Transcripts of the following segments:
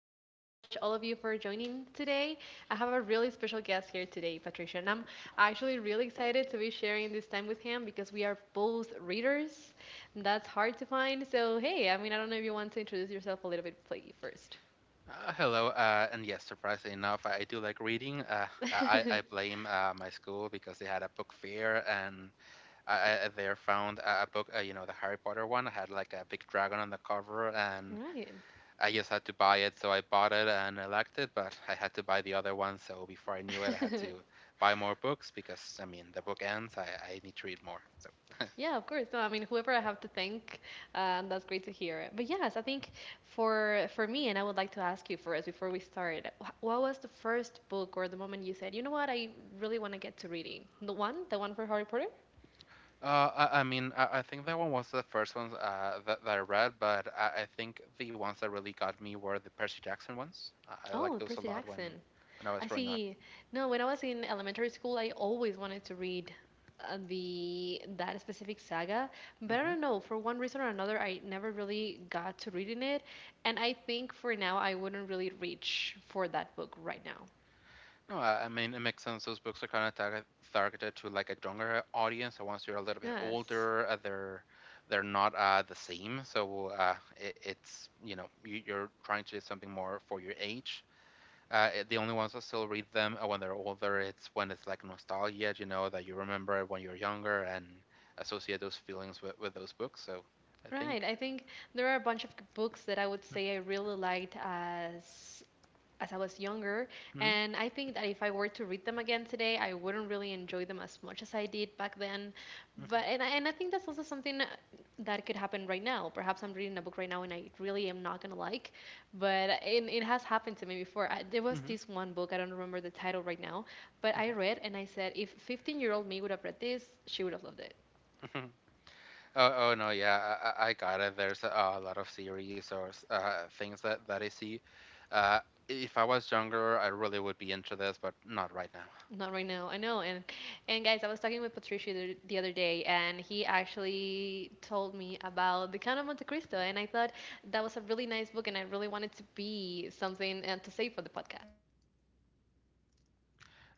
Thank you so much, all of you, for joining today. I have a really special guest here today, Patricia, and I'm actually really excited to be sharing this time with him because we are both readers. And that's hard to find. So, hey, I mean, I don't know if you want to introduce yourself a little bit first. Hello, and yes, surprisingly enough, I do like reading. I blame my school because they had a book fair, and I there found a book, the Harry Potter one had like a big dragon on the cover, and All right. I just had to buy it, so I bought it and I liked it, but I had to buy the other one, so before I knew it, I had to buy more books because, I mean, the book ends, I need to read more. Yeah, of course. No, I mean, whoever I have to thank, that's great to hear. But yes, I think for me, and I would like to ask you first before we start, what was the first book or the moment you said, you know what, I really want to get to reading? The one for Harry Potter? I think that one was the first ones that I read, but I think the ones that really got me were the Percy Jackson ones. I liked Oh, those a Percy lot when Jackson. when I was I growing up. see. No, when I was in elementary school, I always wanted to read the that specific saga, but I don't Hmm. know, for one reason or another, I never really got to reading it. And I think for now, I wouldn't really reach for that book right now. No, I mean, it makes sense. Those books are kind of targeted to like a younger audience. So once you're a little bit Yes. older, they're not the same. So it's, you know, you're trying to do something more for your age. The only ones that still read them when they're older, it's when it's like nostalgia, you know, that you remember it when you're younger and associate those feelings with those books. So I Right. think. I think there are a bunch of books that I would say I really liked as I was younger, Mhm, and I think that if I were to read them again today, I wouldn't really enjoy them as much as I did back then. But mhm, and I think that's also something that could happen right now. Perhaps I'm reading a book right now and I really am not gonna like, but it has happened to me before. I, there was mhm, this one book I don't remember the title right now, but mhm, I mhm. read and I said if 15-year-old me would have read this, she would have loved it. Oh, oh no, yeah, I got it. There's a lot of series or things that I see. Uh, if I was younger, I really would be into this, but not right now. Not right now. I know. And guys, I was talking with Patricio the other day and he actually told me about The Count of Monte Cristo and I thought that was a really nice book and I really wanted to be something to say for the podcast.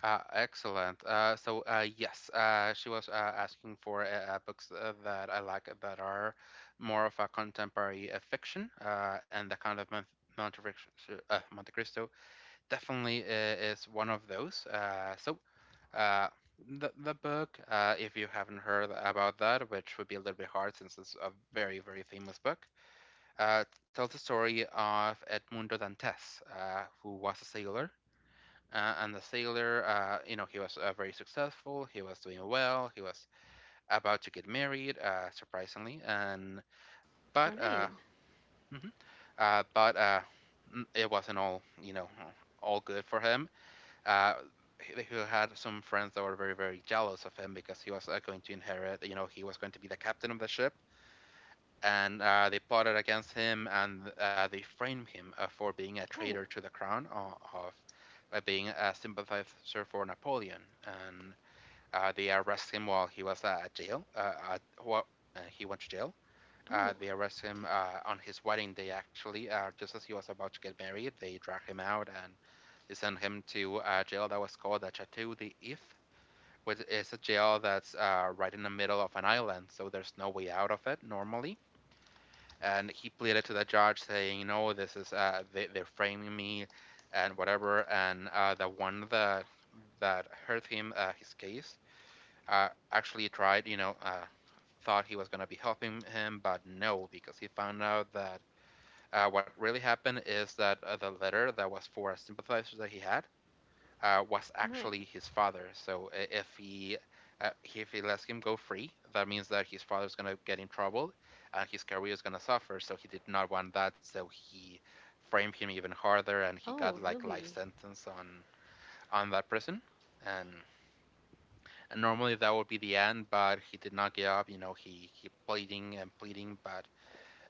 Excellent. Yes, she was asking for books that I like that are more of a contemporary fiction, and the kind of Monte, Friction- Monte Cristo definitely is one of those. Uh, the book, if you haven't heard about that, which would be a little bit hard since it's a very very famous book, tells the story of Edmundo Dantes, who was a sailor and the sailor, he was very successful. He was doing well. He was about to get married, surprisingly. And All but right. Mhm. uh, but uh, it wasn't all, you know, all good for him. Uh, he had some friends that were very very jealous of him because he was going to inherit. You know, he was going to be the captain of the ship, and they plotted against him and they framed him for being a Oh, traitor to the crown o- of by being a sympathizer for Napoleon. And they arrest him while he was at jail. Wh- he went to jail. Oh, They arrest him on his wedding day, actually, just as he was about to get married. They drag him out and they send him to a jail that was called the Chateau d'If. If, Which is a jail that's right in the middle of an island, so there's no way out of it normally, and he pleaded to the judge saying, "No, this is they're framing me, and whatever." And the one that heard him his case actually tried, you know, thought he was gonna be helping him, but no, because he found out that what really happened is that the letter that was for a sympathizer that he had was right. actually his father. So if he lets him go free, that means that his father's gonna get in trouble, and his career is gonna suffer. So he did not want that. So he framed him even harder, and he got Oh, like life really? sentence on that prison. And, and normally that would be the end, but he did not give up. You know, he pleading and pleading, but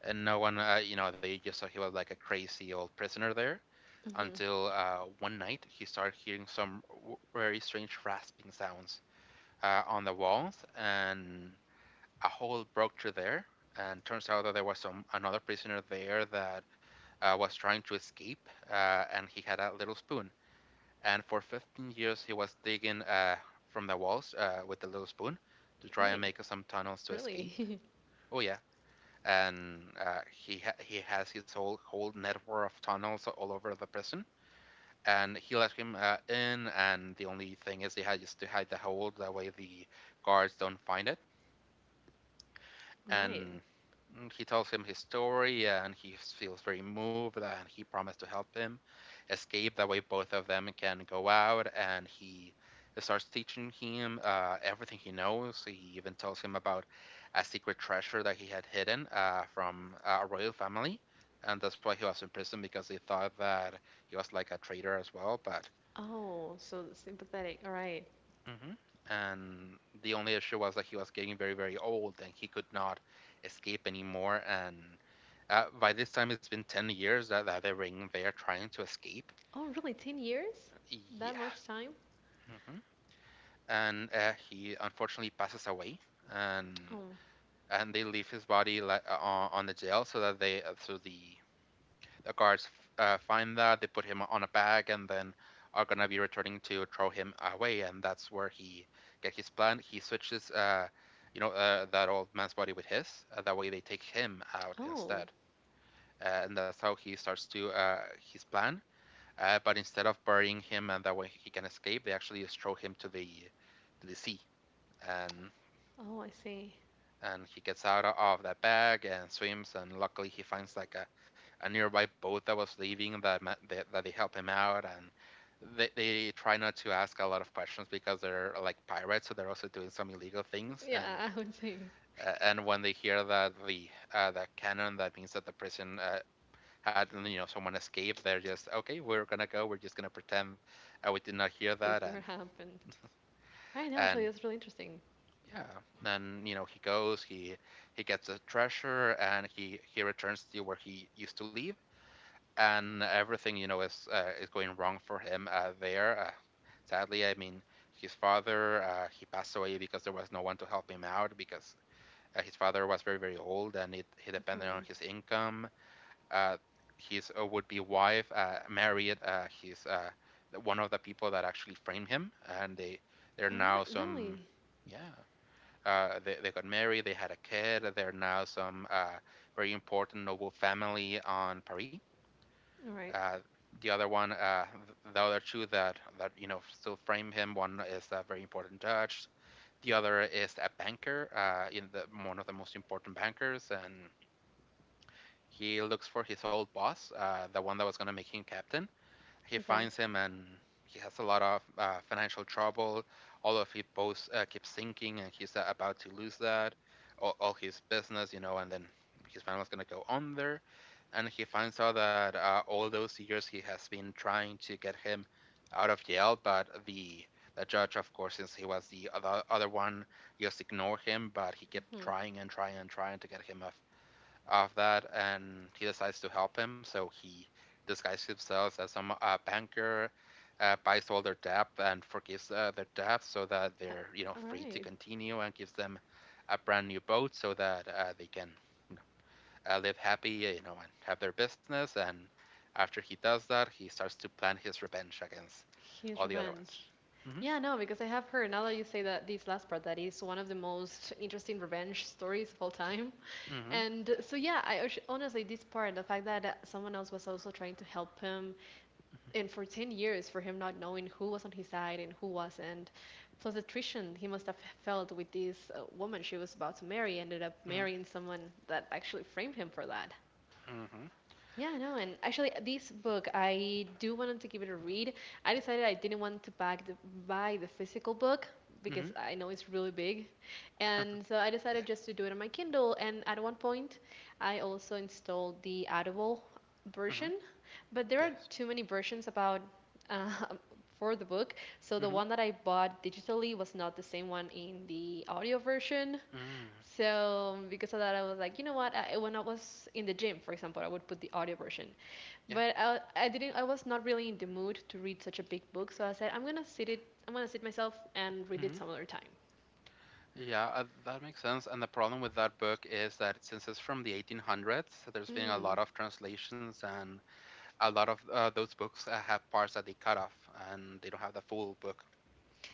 and no one, they just thought he was like a crazy old prisoner there Mhm. until one night he started hearing some very strange rasping sounds on the walls, and a hole broke through there. And turns out that there was some another prisoner there that was trying to escape, and he had a little spoon. And for 15 years, he was digging from the walls with the little spoon to try and Right. make some tunnels to escape. Really? Oh yeah, and he has his whole network of tunnels all over the prison and he let him in. And the only thing is, he had just to hide the hold. That way, the guards don't find it. Right. And mm, he tells him his story, and he feels very moved. And he promised to help him escape. That way, both of them can go out. And he starts teaching him everything he knows. He even tells him about a secret treasure that he had hidden from a royal family. And that's why he was in prison because they thought that he was like a traitor as well. But Oh, so sympathetic. All right. mhm. And the only issue was that he was getting very, very old and he could not escape anymore. And by this time, it's been 10 years that they're in there trying to escape. Oh, really? 10 years? That Yeah. much time? Hmm. And he unfortunately passes away. And Oh. and they leave his body like on the jail so that they so the guards find that they put him on a bag, and then are gonna be returning to throw him away, and that's where he get his plan. He switches, that old man's body with his, that way they take him out Oh. instead, and that's how he starts to his plan. But instead of burying him and that way he can escape, they actually just throw him to the sea. and Oh, I see. and he gets out of that bag and swims, and luckily he finds like a nearby boat that was leaving that that they help him out. And they try not to ask a lot of questions because they're like pirates, so they're also doing some illegal things. And Yeah, I would say and when they hear that the cannon, that means that the prison, had, you know, someone escaped, they're just okay, we're gonna go, we're just gonna pretend we did not hear that. this never happened. I know, actually, And that's really interesting. Yeah. Then, you know, he goes, he gets a treasure and he returns to where he used to live, and everything, you know, is going wrong for him there. Sadly, I mean, his father, he passed away because there was no one to help him out because his father was very, very old and he depended on Mhm. his income. Uh, his would-be wife married his one of the people that actually framed him, and they they're All now right, some really? yeah they got married, they had a kid, they're now some very important noble family on Paris. All right, Uh, the other one, the other two that, that you know still frame him, one is a very important judge, the other is a banker, in the one of the most important bankers, and he looks for his old boss, the one that was going to make him captain, he okay. finds him and he has a lot of financial trouble. All of his boats keep sinking, and he's about to lose all his business, you know, and then his family's gonna go under. And he finds out that all those years he has been trying to get him out of jail, but the judge, of course, since he was the other one, just ignored him. But he kept Hmm. trying and trying and trying to get him off of that, and he decides to help him. So he disguises himself as some banker, buys all their debt, and forgives their debt so that Oh, they're, you know, all free to right, continue, and gives them a brand new boat so that they can, you know, live happy, you know, and have their business. And after he does that, he starts to plan his revenge against his all the other revenge. ones. Yeah, no, because I have heard, now that you say that, this last part, that is one of the most interesting revenge stories of all time. And so, yeah, I honestly, this part, the fact that someone else was also trying to help him and for 10 years for him not knowing who was on his side and who wasn't plus the attrition he must have felt with this woman she was about to marry ended up Mm-hmm, mm-hmm, marrying someone that actually framed him for that. mm-hmm, Yeah, no. And actually, this book, I do wanted to give it a read. I decided I didn't want to buy the physical book mm-hmm, because I know it's really big. And so I yeah. decided just to do it on my Kindle. And at one point, I also installed the Audible Mm-hmm, version. But there are yes. too many versions about uh, for the book. So the Mm-hmm, one that I bought digitally was not the same one in the audio version. mm-hmm, So because of that, I was like, you know what? When I was in the gym, for example, I would put the audio version. yeah. But I didn't. I was not really in the mood to read such a big book, so I said, I'm gonna sit it. I'm gonna sit myself and read Mm-hmm. it some other time. Yeah, that makes sense. And the problem with that book is that since it's from the 1800s, so there's been a Mm. lot of translations, and a lot of those books have parts that they cut off, and they don't have the full book.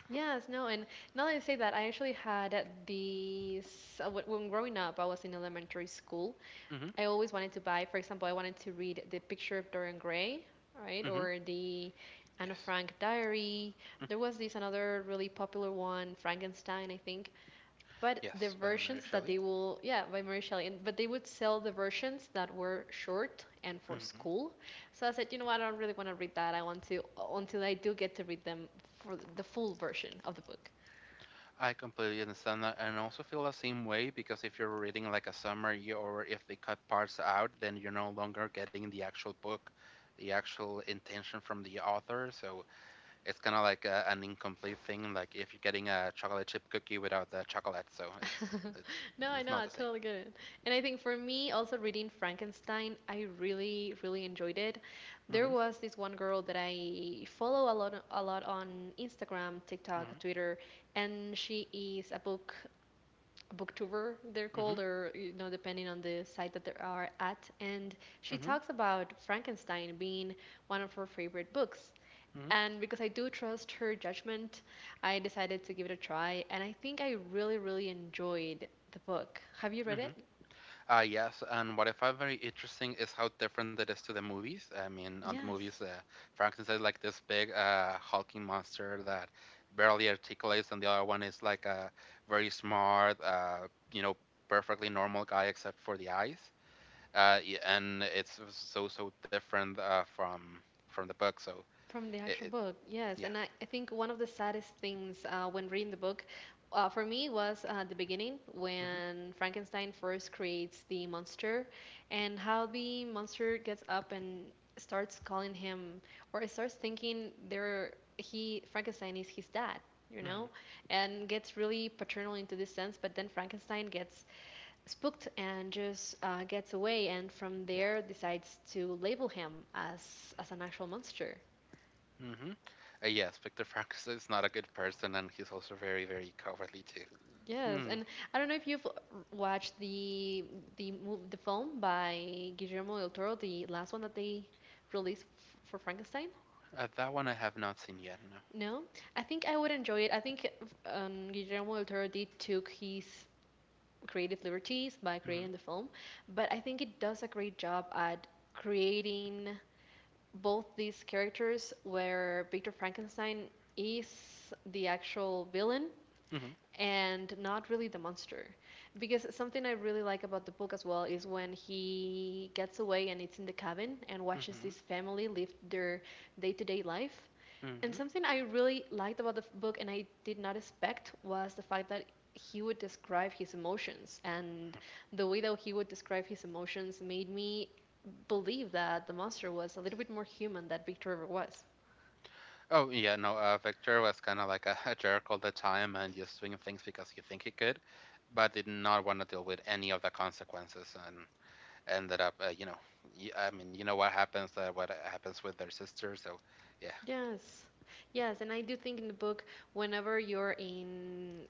Yes, no, and now that you say that, I actually had these. When growing up, I was in elementary school, Hmm. I always wanted to buy, for example, I wanted to read The Picture of Dorian Gray, right? Hmm. Or the Anne Yes. Frank Diary. Mm. There was this another really popular one, Frankenstein, I think. But the Yes, by Mary versions that Shelley. they will, yeah, by Mary Shelley, and, but they would sell the versions that were short and for hmm school. So I said, you know what, I don't really want to read that. I want to, until I do get to read them for the full version of the book. I completely understand that, and also feel the same way, because if you're reading like a summary or if they cut parts out, then you're no longer getting the actual book, the actual intention from the author. So it's kind of like an incomplete thing, like if you're getting a chocolate chip cookie without the chocolate, so it No, I it's know, not I the same. totally get it. And I think for me, also reading Frankenstein, I really, really enjoyed it. There Mm-hmm. was this one girl that I follow a lot on Instagram, TikTok, Mm-hmm. Twitter, and she is a booktuber, they're Mm-hmm. called, or you know, depending on the site that they are at. And she Mm-hmm. talks about Frankenstein being one of her favorite books. Mm-hmm. And because I do trust her judgment, I decided to give it a try. And I think I really, really enjoyed the book. Have you read Mm-hmm. it? Yes, and what I find very interesting is how different it is to the movies. I mean, on the movies, Yes. Frankenstein is like this big, hulking monster that barely articulates, and the other one is like a very smart, you know, perfectly normal guy except for the eyes. Yeah, and it's so different from the book. So From the it, actual it book, yes. And yeah. I think one of the saddest things when reading the book for me was the beginning Hmm. when Frankenstein first creates the monster and how the monster gets up and starts calling him or starts thinking there he Frankenstein is his dad, you know, Hmm. and gets really paternal into this sense. But then Frankenstein gets spooked and just gets away, and from Yeah. there decides to label him as an actual monster. Hmm. Yes, Victor Frankenstein is not a good person, and he's also very, very cowardly too. Yes, Hmm. and I don't know if you've watched the film by Guillermo del Toro, the last one that they released for Frankenstein. That one I have not seen yet. No. No, I think I would enjoy it. I think Guillermo del Toro did took his creative liberties by Hmm. creating the film, but I think it does a great job at creating both these characters where Victor Frankenstein is the actual villain Hmm. and not really the monster. Because something I really like about the book as well is when he gets away and it's in the cabin and watches Hmm. this family live their day to day life. And Hmm. something I really liked about the book and I did not expect was the fact that he would describe his emotions. And the way that he would describe his emotions made me believe that the monster was a little bit more human than Victor ever was. Oh yeah, no. Victor was kind of like a jerk all the time, and just doing things because he think he could, but did not want to deal with any of the consequences. And ended up, I mean, you know what happens with their sister, so, yeah. Yes. Yes, and I do think in the book, whenever you're in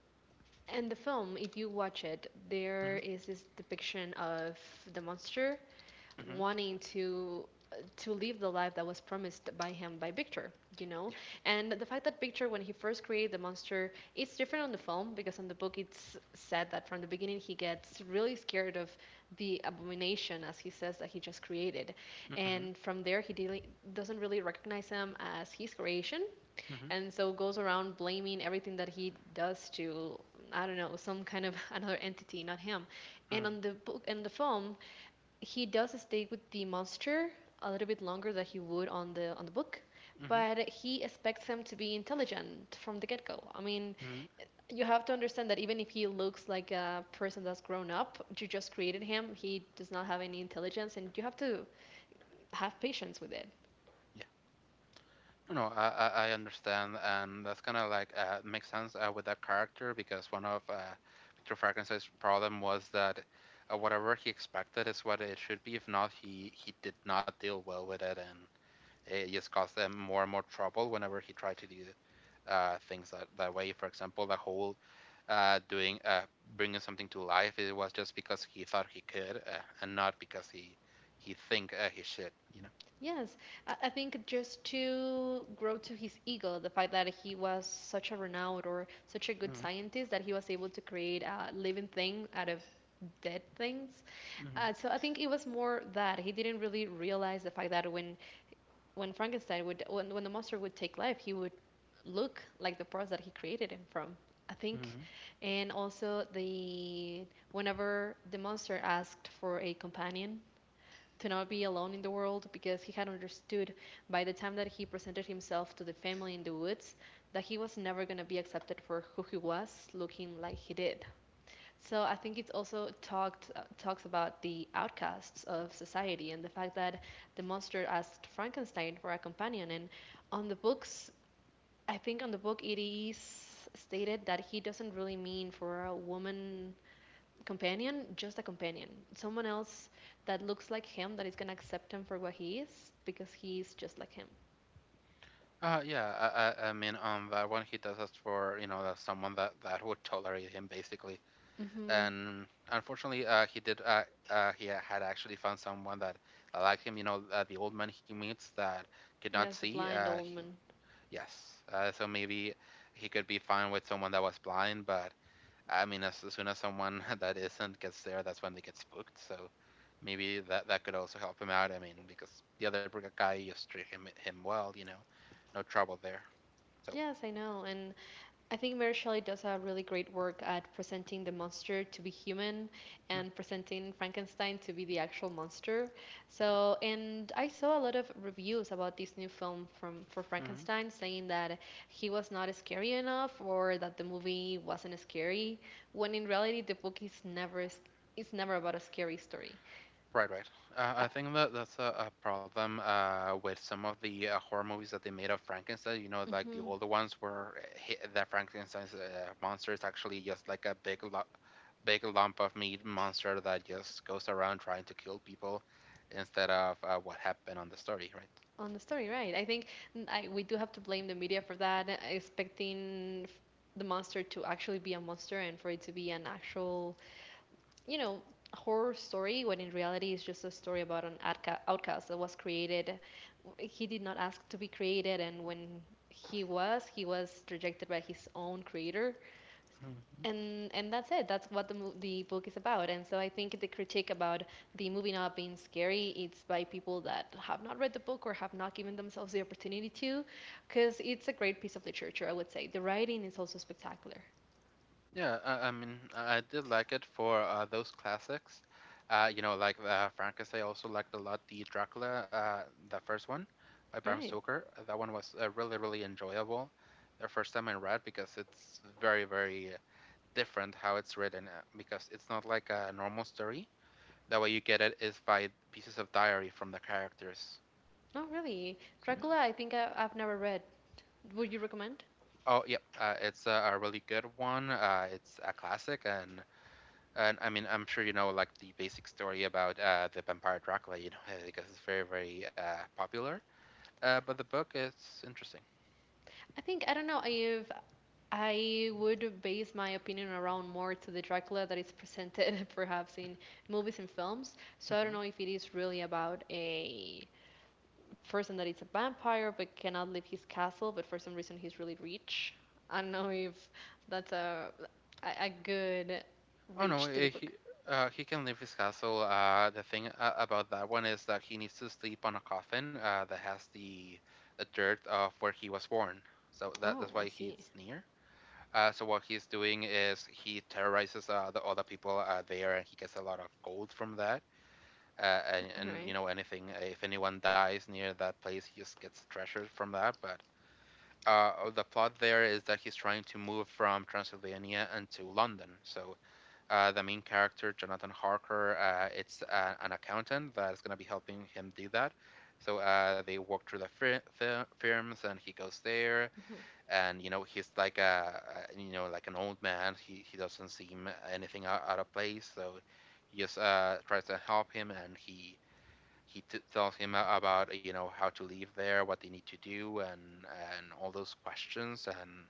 and the film, if you watch it, there Hmm. is this depiction of the monster Hmm. wanting to live the life that was promised by him by Victor, you know? Yeah. And the fact that Victor when he first created the monster, it's different on the film because on the book it's said that from the beginning he gets really scared of the abomination as he says that he just created. Hmm. And from there he dealing doesn't really recognize him as his creation Hmm. and so goes around blaming everything that he does to I don't know some kind of another entity, not him. And Hmm. on the book and the film, he does stay with the monster a little bit longer than he would on the book, Hmm. but he expects him to be intelligent from the get-go. I mean, Hmm. you have to understand that even if he looks like a person that's grown up, you just created him, he does not have any intelligence and you have to have patience with it. Yeah, no, no, I understand, and that's kind of like, makes sense with that character, because one of Victor Frankenstein's problem was that, whatever he expected is what it should be. If not, he did not deal well with it, and it just caused them more and more trouble whenever he tried to do things that way. For example, the whole, doing, bringing something to life, it was just because he thought he could, and not because he think he should. You know. Yes, I think just to grow to his ego, the fact that he was such a renowned or such a good Mm-hmm. scientist that he was able to create a living thing out of dead things. Uh, Mm-hmm. so I think it was more that he didn't really realize the fact that when Frankenstein would when the monster would take life, he would look like the parts that he created him from. I think, Mm-hmm. and also the whenever the monster asked for a companion to not be alone in the world because he had understood by the time that he presented himself to the family in the woods that he was never going to be accepted for who he was looking like he did, so I think it also talked talks about the outcasts of society and the fact that the monster asked Frankenstein for a companion and on the books I think on the book it is stated that he doesn't really mean for a woman companion, just a companion. Someone else that looks like him, that is gonna accept him for what he is, because he's just like him. Yeah, I mean, on that one, he does us for, you know, someone that would tolerate him basically, Mm hmm and unfortunately, he did. He had actually found someone that liked him. You know, the old man he meets that could not Yes, the see. blind old man. Yes. So maybe he could be fine with someone that was blind, but I mean, as soon as someone that isn't gets there, that's when they get spooked. So maybe that could also help him out. I mean, because the other guy just treat him well. You know, no trouble there. So. Yes, I know. And I think Mary Shelley does a really great work at presenting the monster to be human and presenting Frankenstein to be the actual monster. So, and I saw a lot of reviews about this new film from for Mm-hmm. Frankenstein saying that he was not scary enough or that the movie wasn't scary, when in reality the book is never about a scary story. Right, right. Uh, Uh, I think that that's a problem with some of the horror movies that they made of Frankenstein. You know, like the mhm. older ones where, the Frankenstein's monster is actually just like a big lump of meat monster that just goes around trying to kill people, instead of, what happened on the story, right? On the story, right? I think I we do have to blame the media for that, expecting the monster to actually be a monster and for it to be an actual, you know, horror story, when in reality it's just a story about an outcast that was created. He did not ask to be created, and when he was rejected by his own creator, and that's it. That's what the book is about. And so I think the critique about the movie not being scary, it's by people that have not read the book or have not given themselves the opportunity to, because it's a great piece of literature. I would say the writing is also spectacular. Yeah, I mean, I did like it for those classics. You know, like Frankenstein. I also liked a lot the Dracula, the first one by Bram Right. Stoker. That one was really, really enjoyable. The first time I read, because it's very, very different how it's written, because it's not like a normal story. The way you get it is by pieces of diary from the characters. Not really. So, yeah. Dracula, I think I've never read. Would you recommend? Oh yep, it's a really good one. It's a classic. And I mean, I'm sure you know like the basic story about, the vampire Dracula, because it's very, very popular. But the book is interesting. I think I don't know if I would base my opinion around more to the Dracula that is presented perhaps in movies and films. So I don't hmm know if it is really about a person that it's a vampire but cannot leave his castle, but for some reason he's really rich. I don't know if that's a, good Oh no, reach to the book. He can leave his castle. The thing, about that one, is that he needs to sleep on a coffin, that has the dirt of where he was born. So that Oh, that's I why he's see. near. So what he's doing is he terrorizes the other people there, and he gets a lot of gold from that, and, All right. Anything if anyone dies near that place, he just gets treasure from that. But oh, the plot there is that he's trying to move from Transylvania into London. So, the main character, Jonathan Harker, it's an accountant that's going to be helping him do that. So, they walk through the firms, and he goes there, Mm-hmm. and you know he's like an old man. He doesn't seem anything out of place. So he just, tries to help him, and he tells him about, how to leave there, what they need to do, and all those questions, and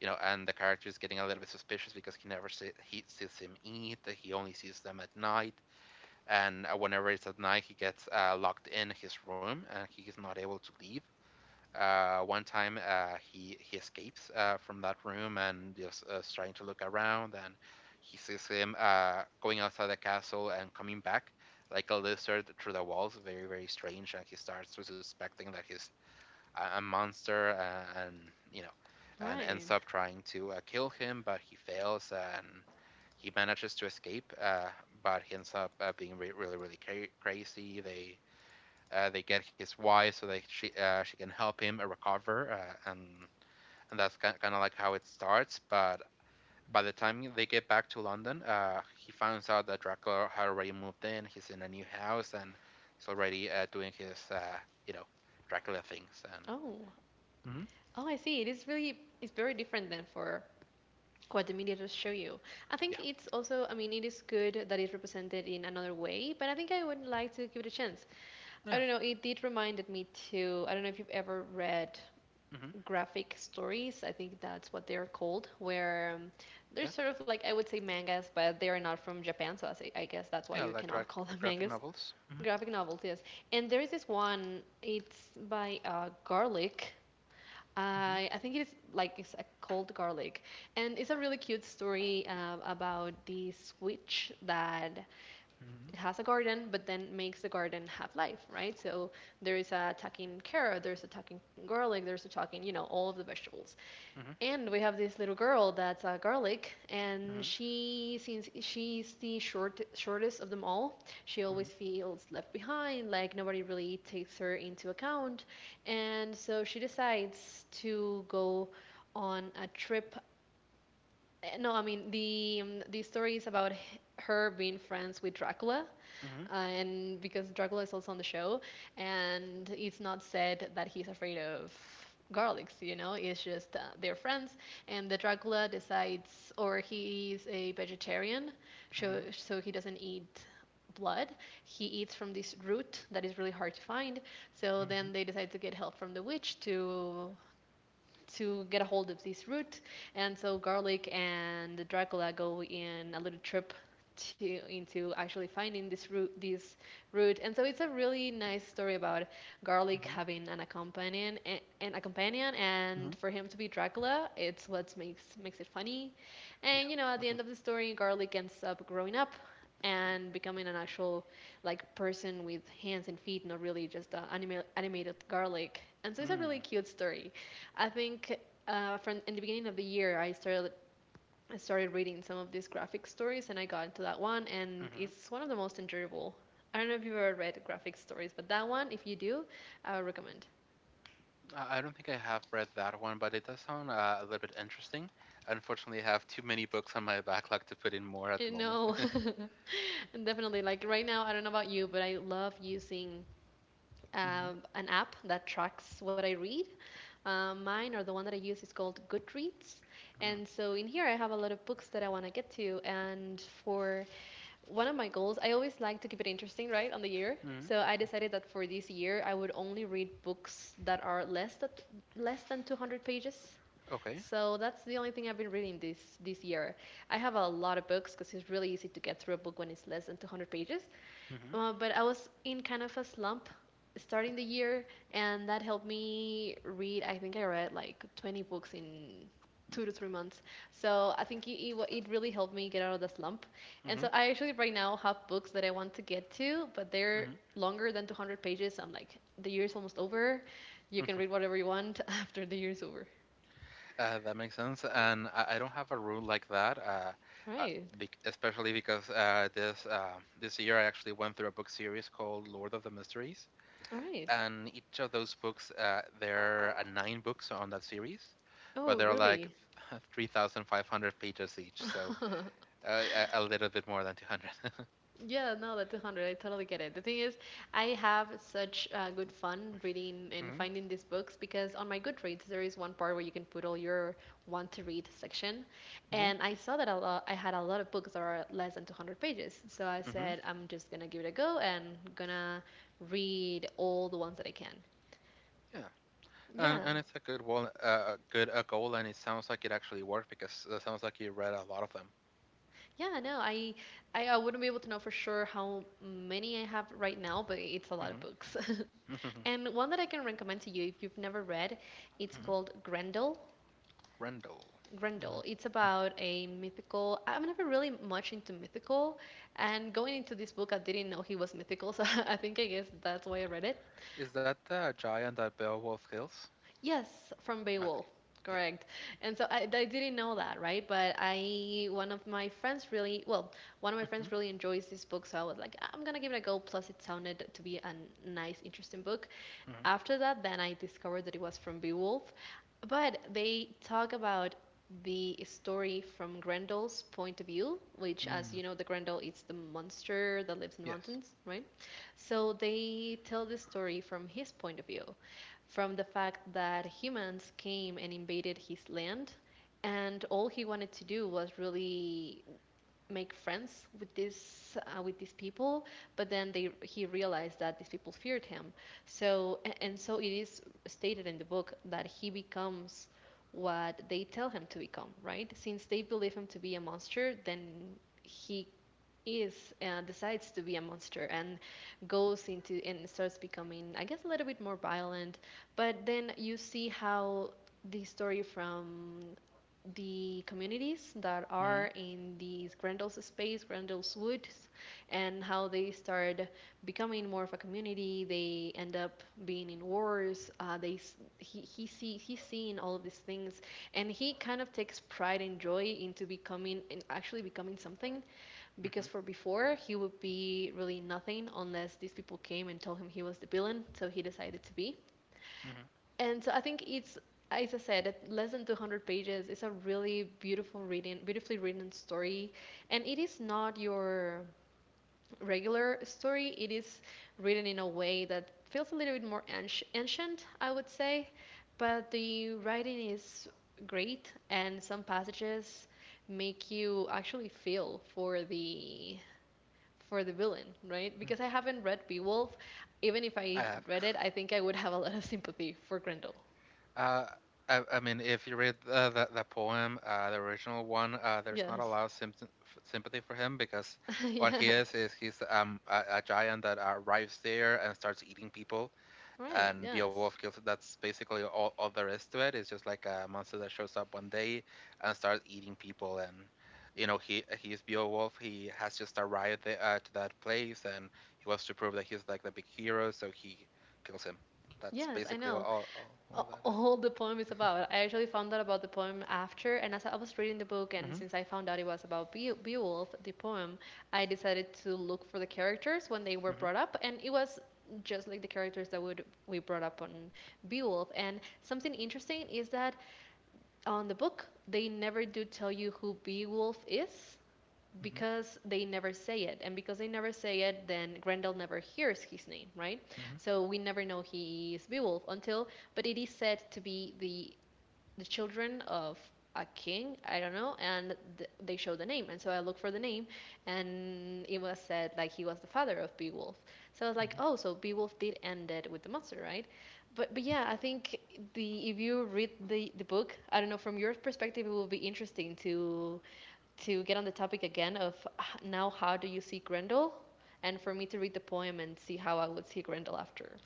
you know and the character is getting a little bit suspicious, because he never he sees him eat, he only sees them at night. And, whenever it's at night, he gets, locked in his room, and he is not able to leave. One time, he escapes, from that room, and is, trying to look around, and he sees him, going outside the castle and coming back like a lizard through the walls, very, very strange, and he starts to suspecting that he's a monster, and you know All and ends right. up trying to, kill him, but he fails, and he manages to escape. But he ends up, being really, really crazy. They get his wife so that she can help him, recover. And that's kind of like how it starts. But by the time they get back to London, he finds out that Draco had already moved in. He's in a new house, and he's already, doing his, you know Dracula things. And Oh, oh, I see. It is really, it's very different than for what the media does show you. I think yeah, it's also, I mean, it is good that it's represented in another way, but I think I would like to give it a chance. I yeah. don't know, it did reminded me to, I don't know if you've ever read Hmm. graphic stories. I think that's what they're called, where they're Yeah, sort of like, I would say, mangas, but they are not from Japan, so I, say, I guess that's why yeah, you like cannot call them graphic mangas. novels. Graphic novels, yes. And there is this one. It's by Garlic. Hmm. I think it is, like, it's a cold Garlic, and it's a really cute story about this witch that Hmm. has a garden, but then makes the garden have life, right? So there is a attacking carrot, there's a attacking garlic, there's a attacking, you know, all of the vegetables, Hmm. and we have this little girl that's a garlic, and Hmm. she since she's the shortest of them all, she Hmm. always feels left behind, like nobody really takes her into account, and so she decides to go on a trip. No, I mean, the story is about her being friends with Dracula, and because Dracula is also on the show, and it's not said that he's afraid of garlics, you know, it's just, they're friends. And the Dracula decides, or he's a vegetarian, Hmm. so he doesn't eat blood. He eats from this root that is really hard to find. So then Hmm. they decide to get help from the witch to get a hold of this root. And so Garlic and Dracula go in a little trip to into actually finding this root, and so it's a really nice story about Garlic Hmm. having an accompanian, and a companion, Hmm. and for him to be Dracula, it's what makes it funny. Yeah. And you know, at the Mm-hmm. end of the story, Garlic ends up growing up and becoming an actual, like, person with hands and feet, not really just an animated garlic. And so it's a Mm-hmm. really cute story. I think, from in the beginning of the year, I started reading some of these graphic stories, and I got into that one, and Mm-hmm. it's one of the most enjoyable. I don't know if you've ever read graphic stories, but that one, if you do, I would recommend. I don't think I have read that one, but it does sound, a little bit interesting. Unfortunately, I have too many books on my backlog to put in more at the moment. No, definitely. Like, right now, I don't know about you, but I love using Mhm. An app that tracks what I read. Mine, or the one that I use, is called Goodreads, Mhm. and so in here I have a lot of books that I want to get to, and for one of my goals, I always like to keep it interesting, right, on the year. Mhm. So I decided that for this year I would only read books that are less than 200 pages. Okay. So that's the only thing I've been reading this year. I have a lot of books because it's really easy to get through a book when it's less than 200 pages. Mhm. But I was in kind of a slump starting the year, and that helped me read. I think I read like 20 books in 2 to 3 months. So I think it really helped me get out of the slump. And so Mhm. I actually right now have books that I want to get to, but they're Mhm. longer than 200 pages. I'm like, the year's almost over. You can read whatever you want after the year's over. That makes sense. And I don't have a rule like that, All uh, right. bec especially because, this this year, I actually went through a book series called Lord of the Mysteries, All right. and each of those books, there are nine books on that series, Oh, but they're like really? 3,500 pages each. So, a little bit more than 200. Yeah, no, the 200. I totally get it. The thing is, I have such good fun reading and Hmm. finding these books because on my Goodreads, there is one part where you can put all your want to read section. Hmm. And I saw that a lot, I had a lot of books that are less than 200 pages. So I Hmm. said, I'm just gonna give it a go and gonna read all the ones that I can. Yeah, and Yeah. and it's a good wall, good a goal, and it sounds like it actually worked, because it sounds like you read a lot of them. Yeah, no, I wouldn't be able to know for sure how many I have right now, but it's a lot of Hmm. books. Hmm. And one that I can recommend to you, if you've never read, it's Mhm. called Grendel. Rendell. Grendel. Mhm. It's Mhm. about a mythical. I'm never really much into mythical, and going into this book, I didn't know he was mythical, so I think, I guess that's why I read it. Is that the giant that Beowulf kills? Yes, from Beowulf. Okay, yeah. Correct. And so I didn't know that, right? But I, one of my friends really, well, One of my friends Hmm. really enjoys this book, so I was like, I'm gonna give it a go. Plus, it sounded to be a nice, interesting book. Hmm. After that, then I discovered that it was from Beowulf, but they talk about the story from Grendel's point of view, which, as you Mm. know, the Grendel is the monster that lives in Yes. mountains, right? So they tell the story from his point of view, from the fact that humans came and invaded his land, and all he wanted to do was really make friends with this, with these people. But then they he realized that these people feared him. So and so it is stated in the book that he becomes what they tell him to become. Right? Since they believe him to be a monster, then he is decides to be a monster and goes into and starts becoming, I guess, a little bit more violent. But then you see how the story from the communities that are Hmm. in these Grendel's space, Grendel's woods, and how they start becoming more of a community. They end up being in wars. They, he's seeing all of these things, and he kind of takes pride and joy into becoming and actually becoming something, because Hmm. for before he would be really nothing unless these people came and told him he was the villain, so he decided to be. Hmm. And so I think it's, as I said, less than 200 pages. It's a really beautiful reading, beautifully written story. And it is not your regular story. It is written in a way that feels a little bit more ancient, I would say. But the writing is great, and some passages make you actually feel for the villain, right? Because I haven't read Beowulf. Even if I I have. read it, I think I would have a lot of sympathy for Grendel. Uh, I mean, if you read, the poem, the original one, there's not a Yes. lot of sympathy for him, because what he Yeah. Is he's a giant that, arrives there and starts eating people, Right. and Beowulf Yes. kills it. That's basically all there is to it. It's just like a monster that shows up one day and starts eating people, and he's Beowulf. He has just arrived there, to that place, and he wants to prove that he's like the big hero, so he kills him. That's Yes, I basically all, know. all all that. All the poem is about. I actually found out about the poem after, and as I was reading the book, and Mhm. since I found out it was about Beowulf, the poem, I decided to look for the characters when they were Mhm. brought up, and it was just like the characters that would we brought up on Beowulf. And something interesting is that on the book, they never do tell you who Beowulf is, Mhm. because they never say it. And because they never say it, then Grendel never hears his name, right? Mhm. So we never know he is Beowulf until, but it is said to be the children of a king, I don't know. And they show the name, and so I look for the name, and it was said like he was the father of Beowulf. So I was like, Mhm. oh, so Beowulf did end it with the monster, right? But yeah, I think the if you read the book, I don't know, from your perspective it will be interesting to get on the topic again of, now, how do you see Grendel? And for me to read the poem and see how I would see Grendel after.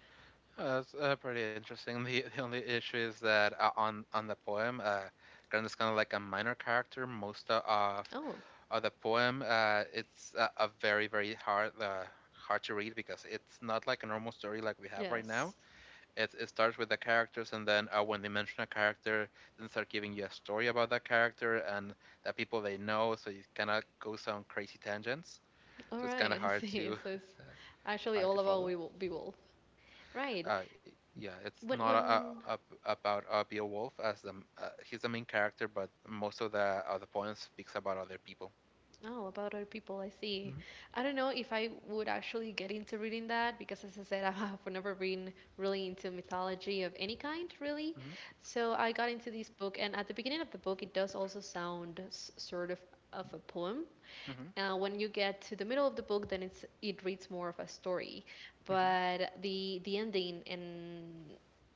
That's pretty interesting. The only issue is that, on the poem, Grant is kind of like a minor character. Most o- of Oh. of the poem, it's a very, very hard to read, because it's not like a normal story like we have right Yes. now. It starts with the characters, and then, when they mention a character, then start giving you a story about that character and the people they know. So you kind of goes on crazy tangents. All So it's kind of right, I hard see. to So it's actually hard to all about follow. We Will Be Wolf. Right. uh yeah, it's When not when. About, Beowulf. He's the main character, but most of the poem speaks about other people. Oh, about other people, I see. Mhm. I don't know if I would actually get into reading that, because as I said, I have never been really into mythology of any kind, really. Mhm. So I got into this book, and at the beginning of the book, it does also sound sort of a poem. When you get to the middle of the book, then it reads more of a story, Mhm. but the ending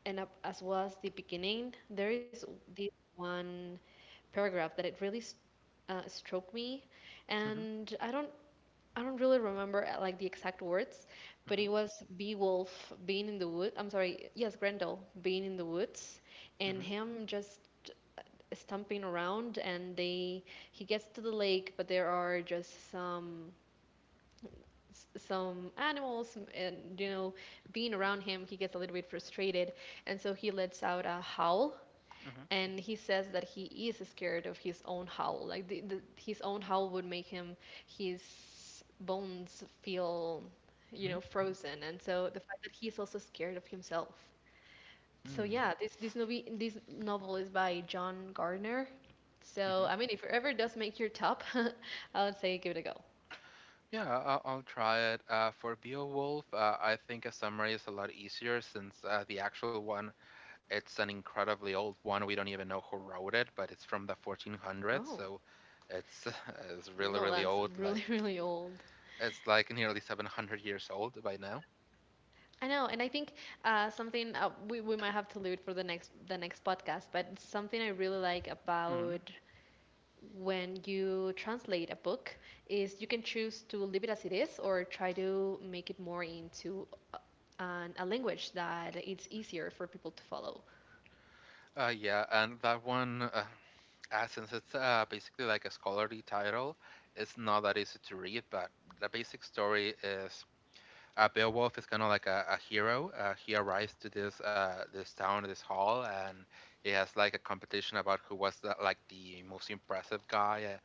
and up, as well as the beginning, there is this one paragraph that it really struck me, Mhm. and I don't really remember like the exact words, but Mhm. it was Beowulf being in the wood. I'm sorry, yes, Grendel being in the woods, Mhm. and Mhm. him just stumping around, and they he gets to the lake, but there are just some some animals and, you know, being around him, he gets a little bit frustrated, and so he lets out a howl, Mhm. and he says that he is scared of his own howl. Like his own howl would make him his bones feel, you Mhm. know, frozen. And so the fact that he's also scared of himself. So Mm. yeah, this novel, this novel is by John Gardner. So Mhm. I mean, if it ever does make your top, I would say give it a go. Yeah, I'll try it. For Beowulf, I think a summary is a lot easier, since the actual one, it's an incredibly old one. We don't even know who wrote it, but it's from the 1400s, Oh. so it's it's really, No, really that's old, like. really, really old. It's like nearly 700 years old by now. I know. And I think, something, we might have to leave it for the next podcast. But something I really like hmm about when you translate a book is you can choose to leave it as it is or try to make it more into a language that it's easier for people to follow. yeah, and that one, since it's, basically like a scholarly title, it's not that easy to read, but the basic story is, Beowulf is kind of like a hero. He arrives to this, this town, this hall, and he has like a competition about who was like the most impressive guy. Uh,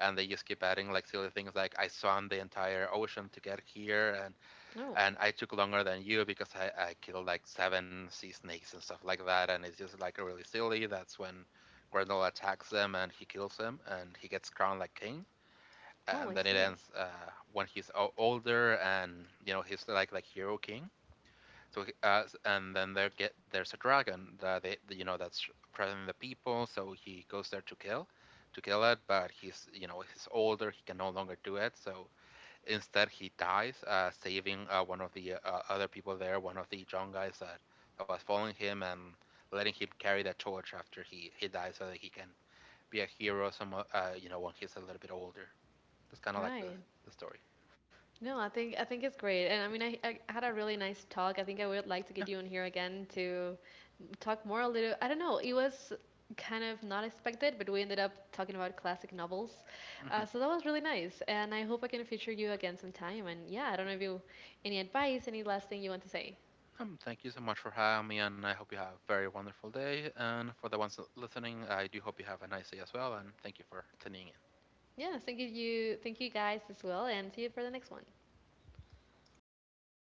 and they just keep adding like silly things, like, I swam the entire ocean to get here, and. Oh, And I took longer than you, because I killed like seven sea snakes and stuff like that, and it's just like really silly. That's when Grendel attacks them and he kills him, and he gets crowned like king. oh, And I then it see. ends, when he's older, and he's like hero king. So, and then there's a dragon that they, that's present in the people. So he goes there to kill, it, but he's, you know, he's older. He can no longer do it. So, instead, he dies, saving one of the, other people there, one of the John guys that, was following him and letting him carry that torch after he dies, so that he can be a hero some you know when he's a little bit older. That's kind of All like the, right. the story. No, I think it's great, and I mean, I had a really nice talk. I think I would like to get you on here again to talk more a little. I don't know. It was kind of not expected, but we ended up talking about classic novels, so that was really nice. And I hope I can feature you again sometime. And yeah, I don't know if you, any advice, any last thing you want to say. Thank you so much for having me, and I hope you have a very wonderful day. And for the ones listening, I do hope you have a nice day as well, and thank you for tuning in. Yeah, thank you, guys as well, and see you for the next one.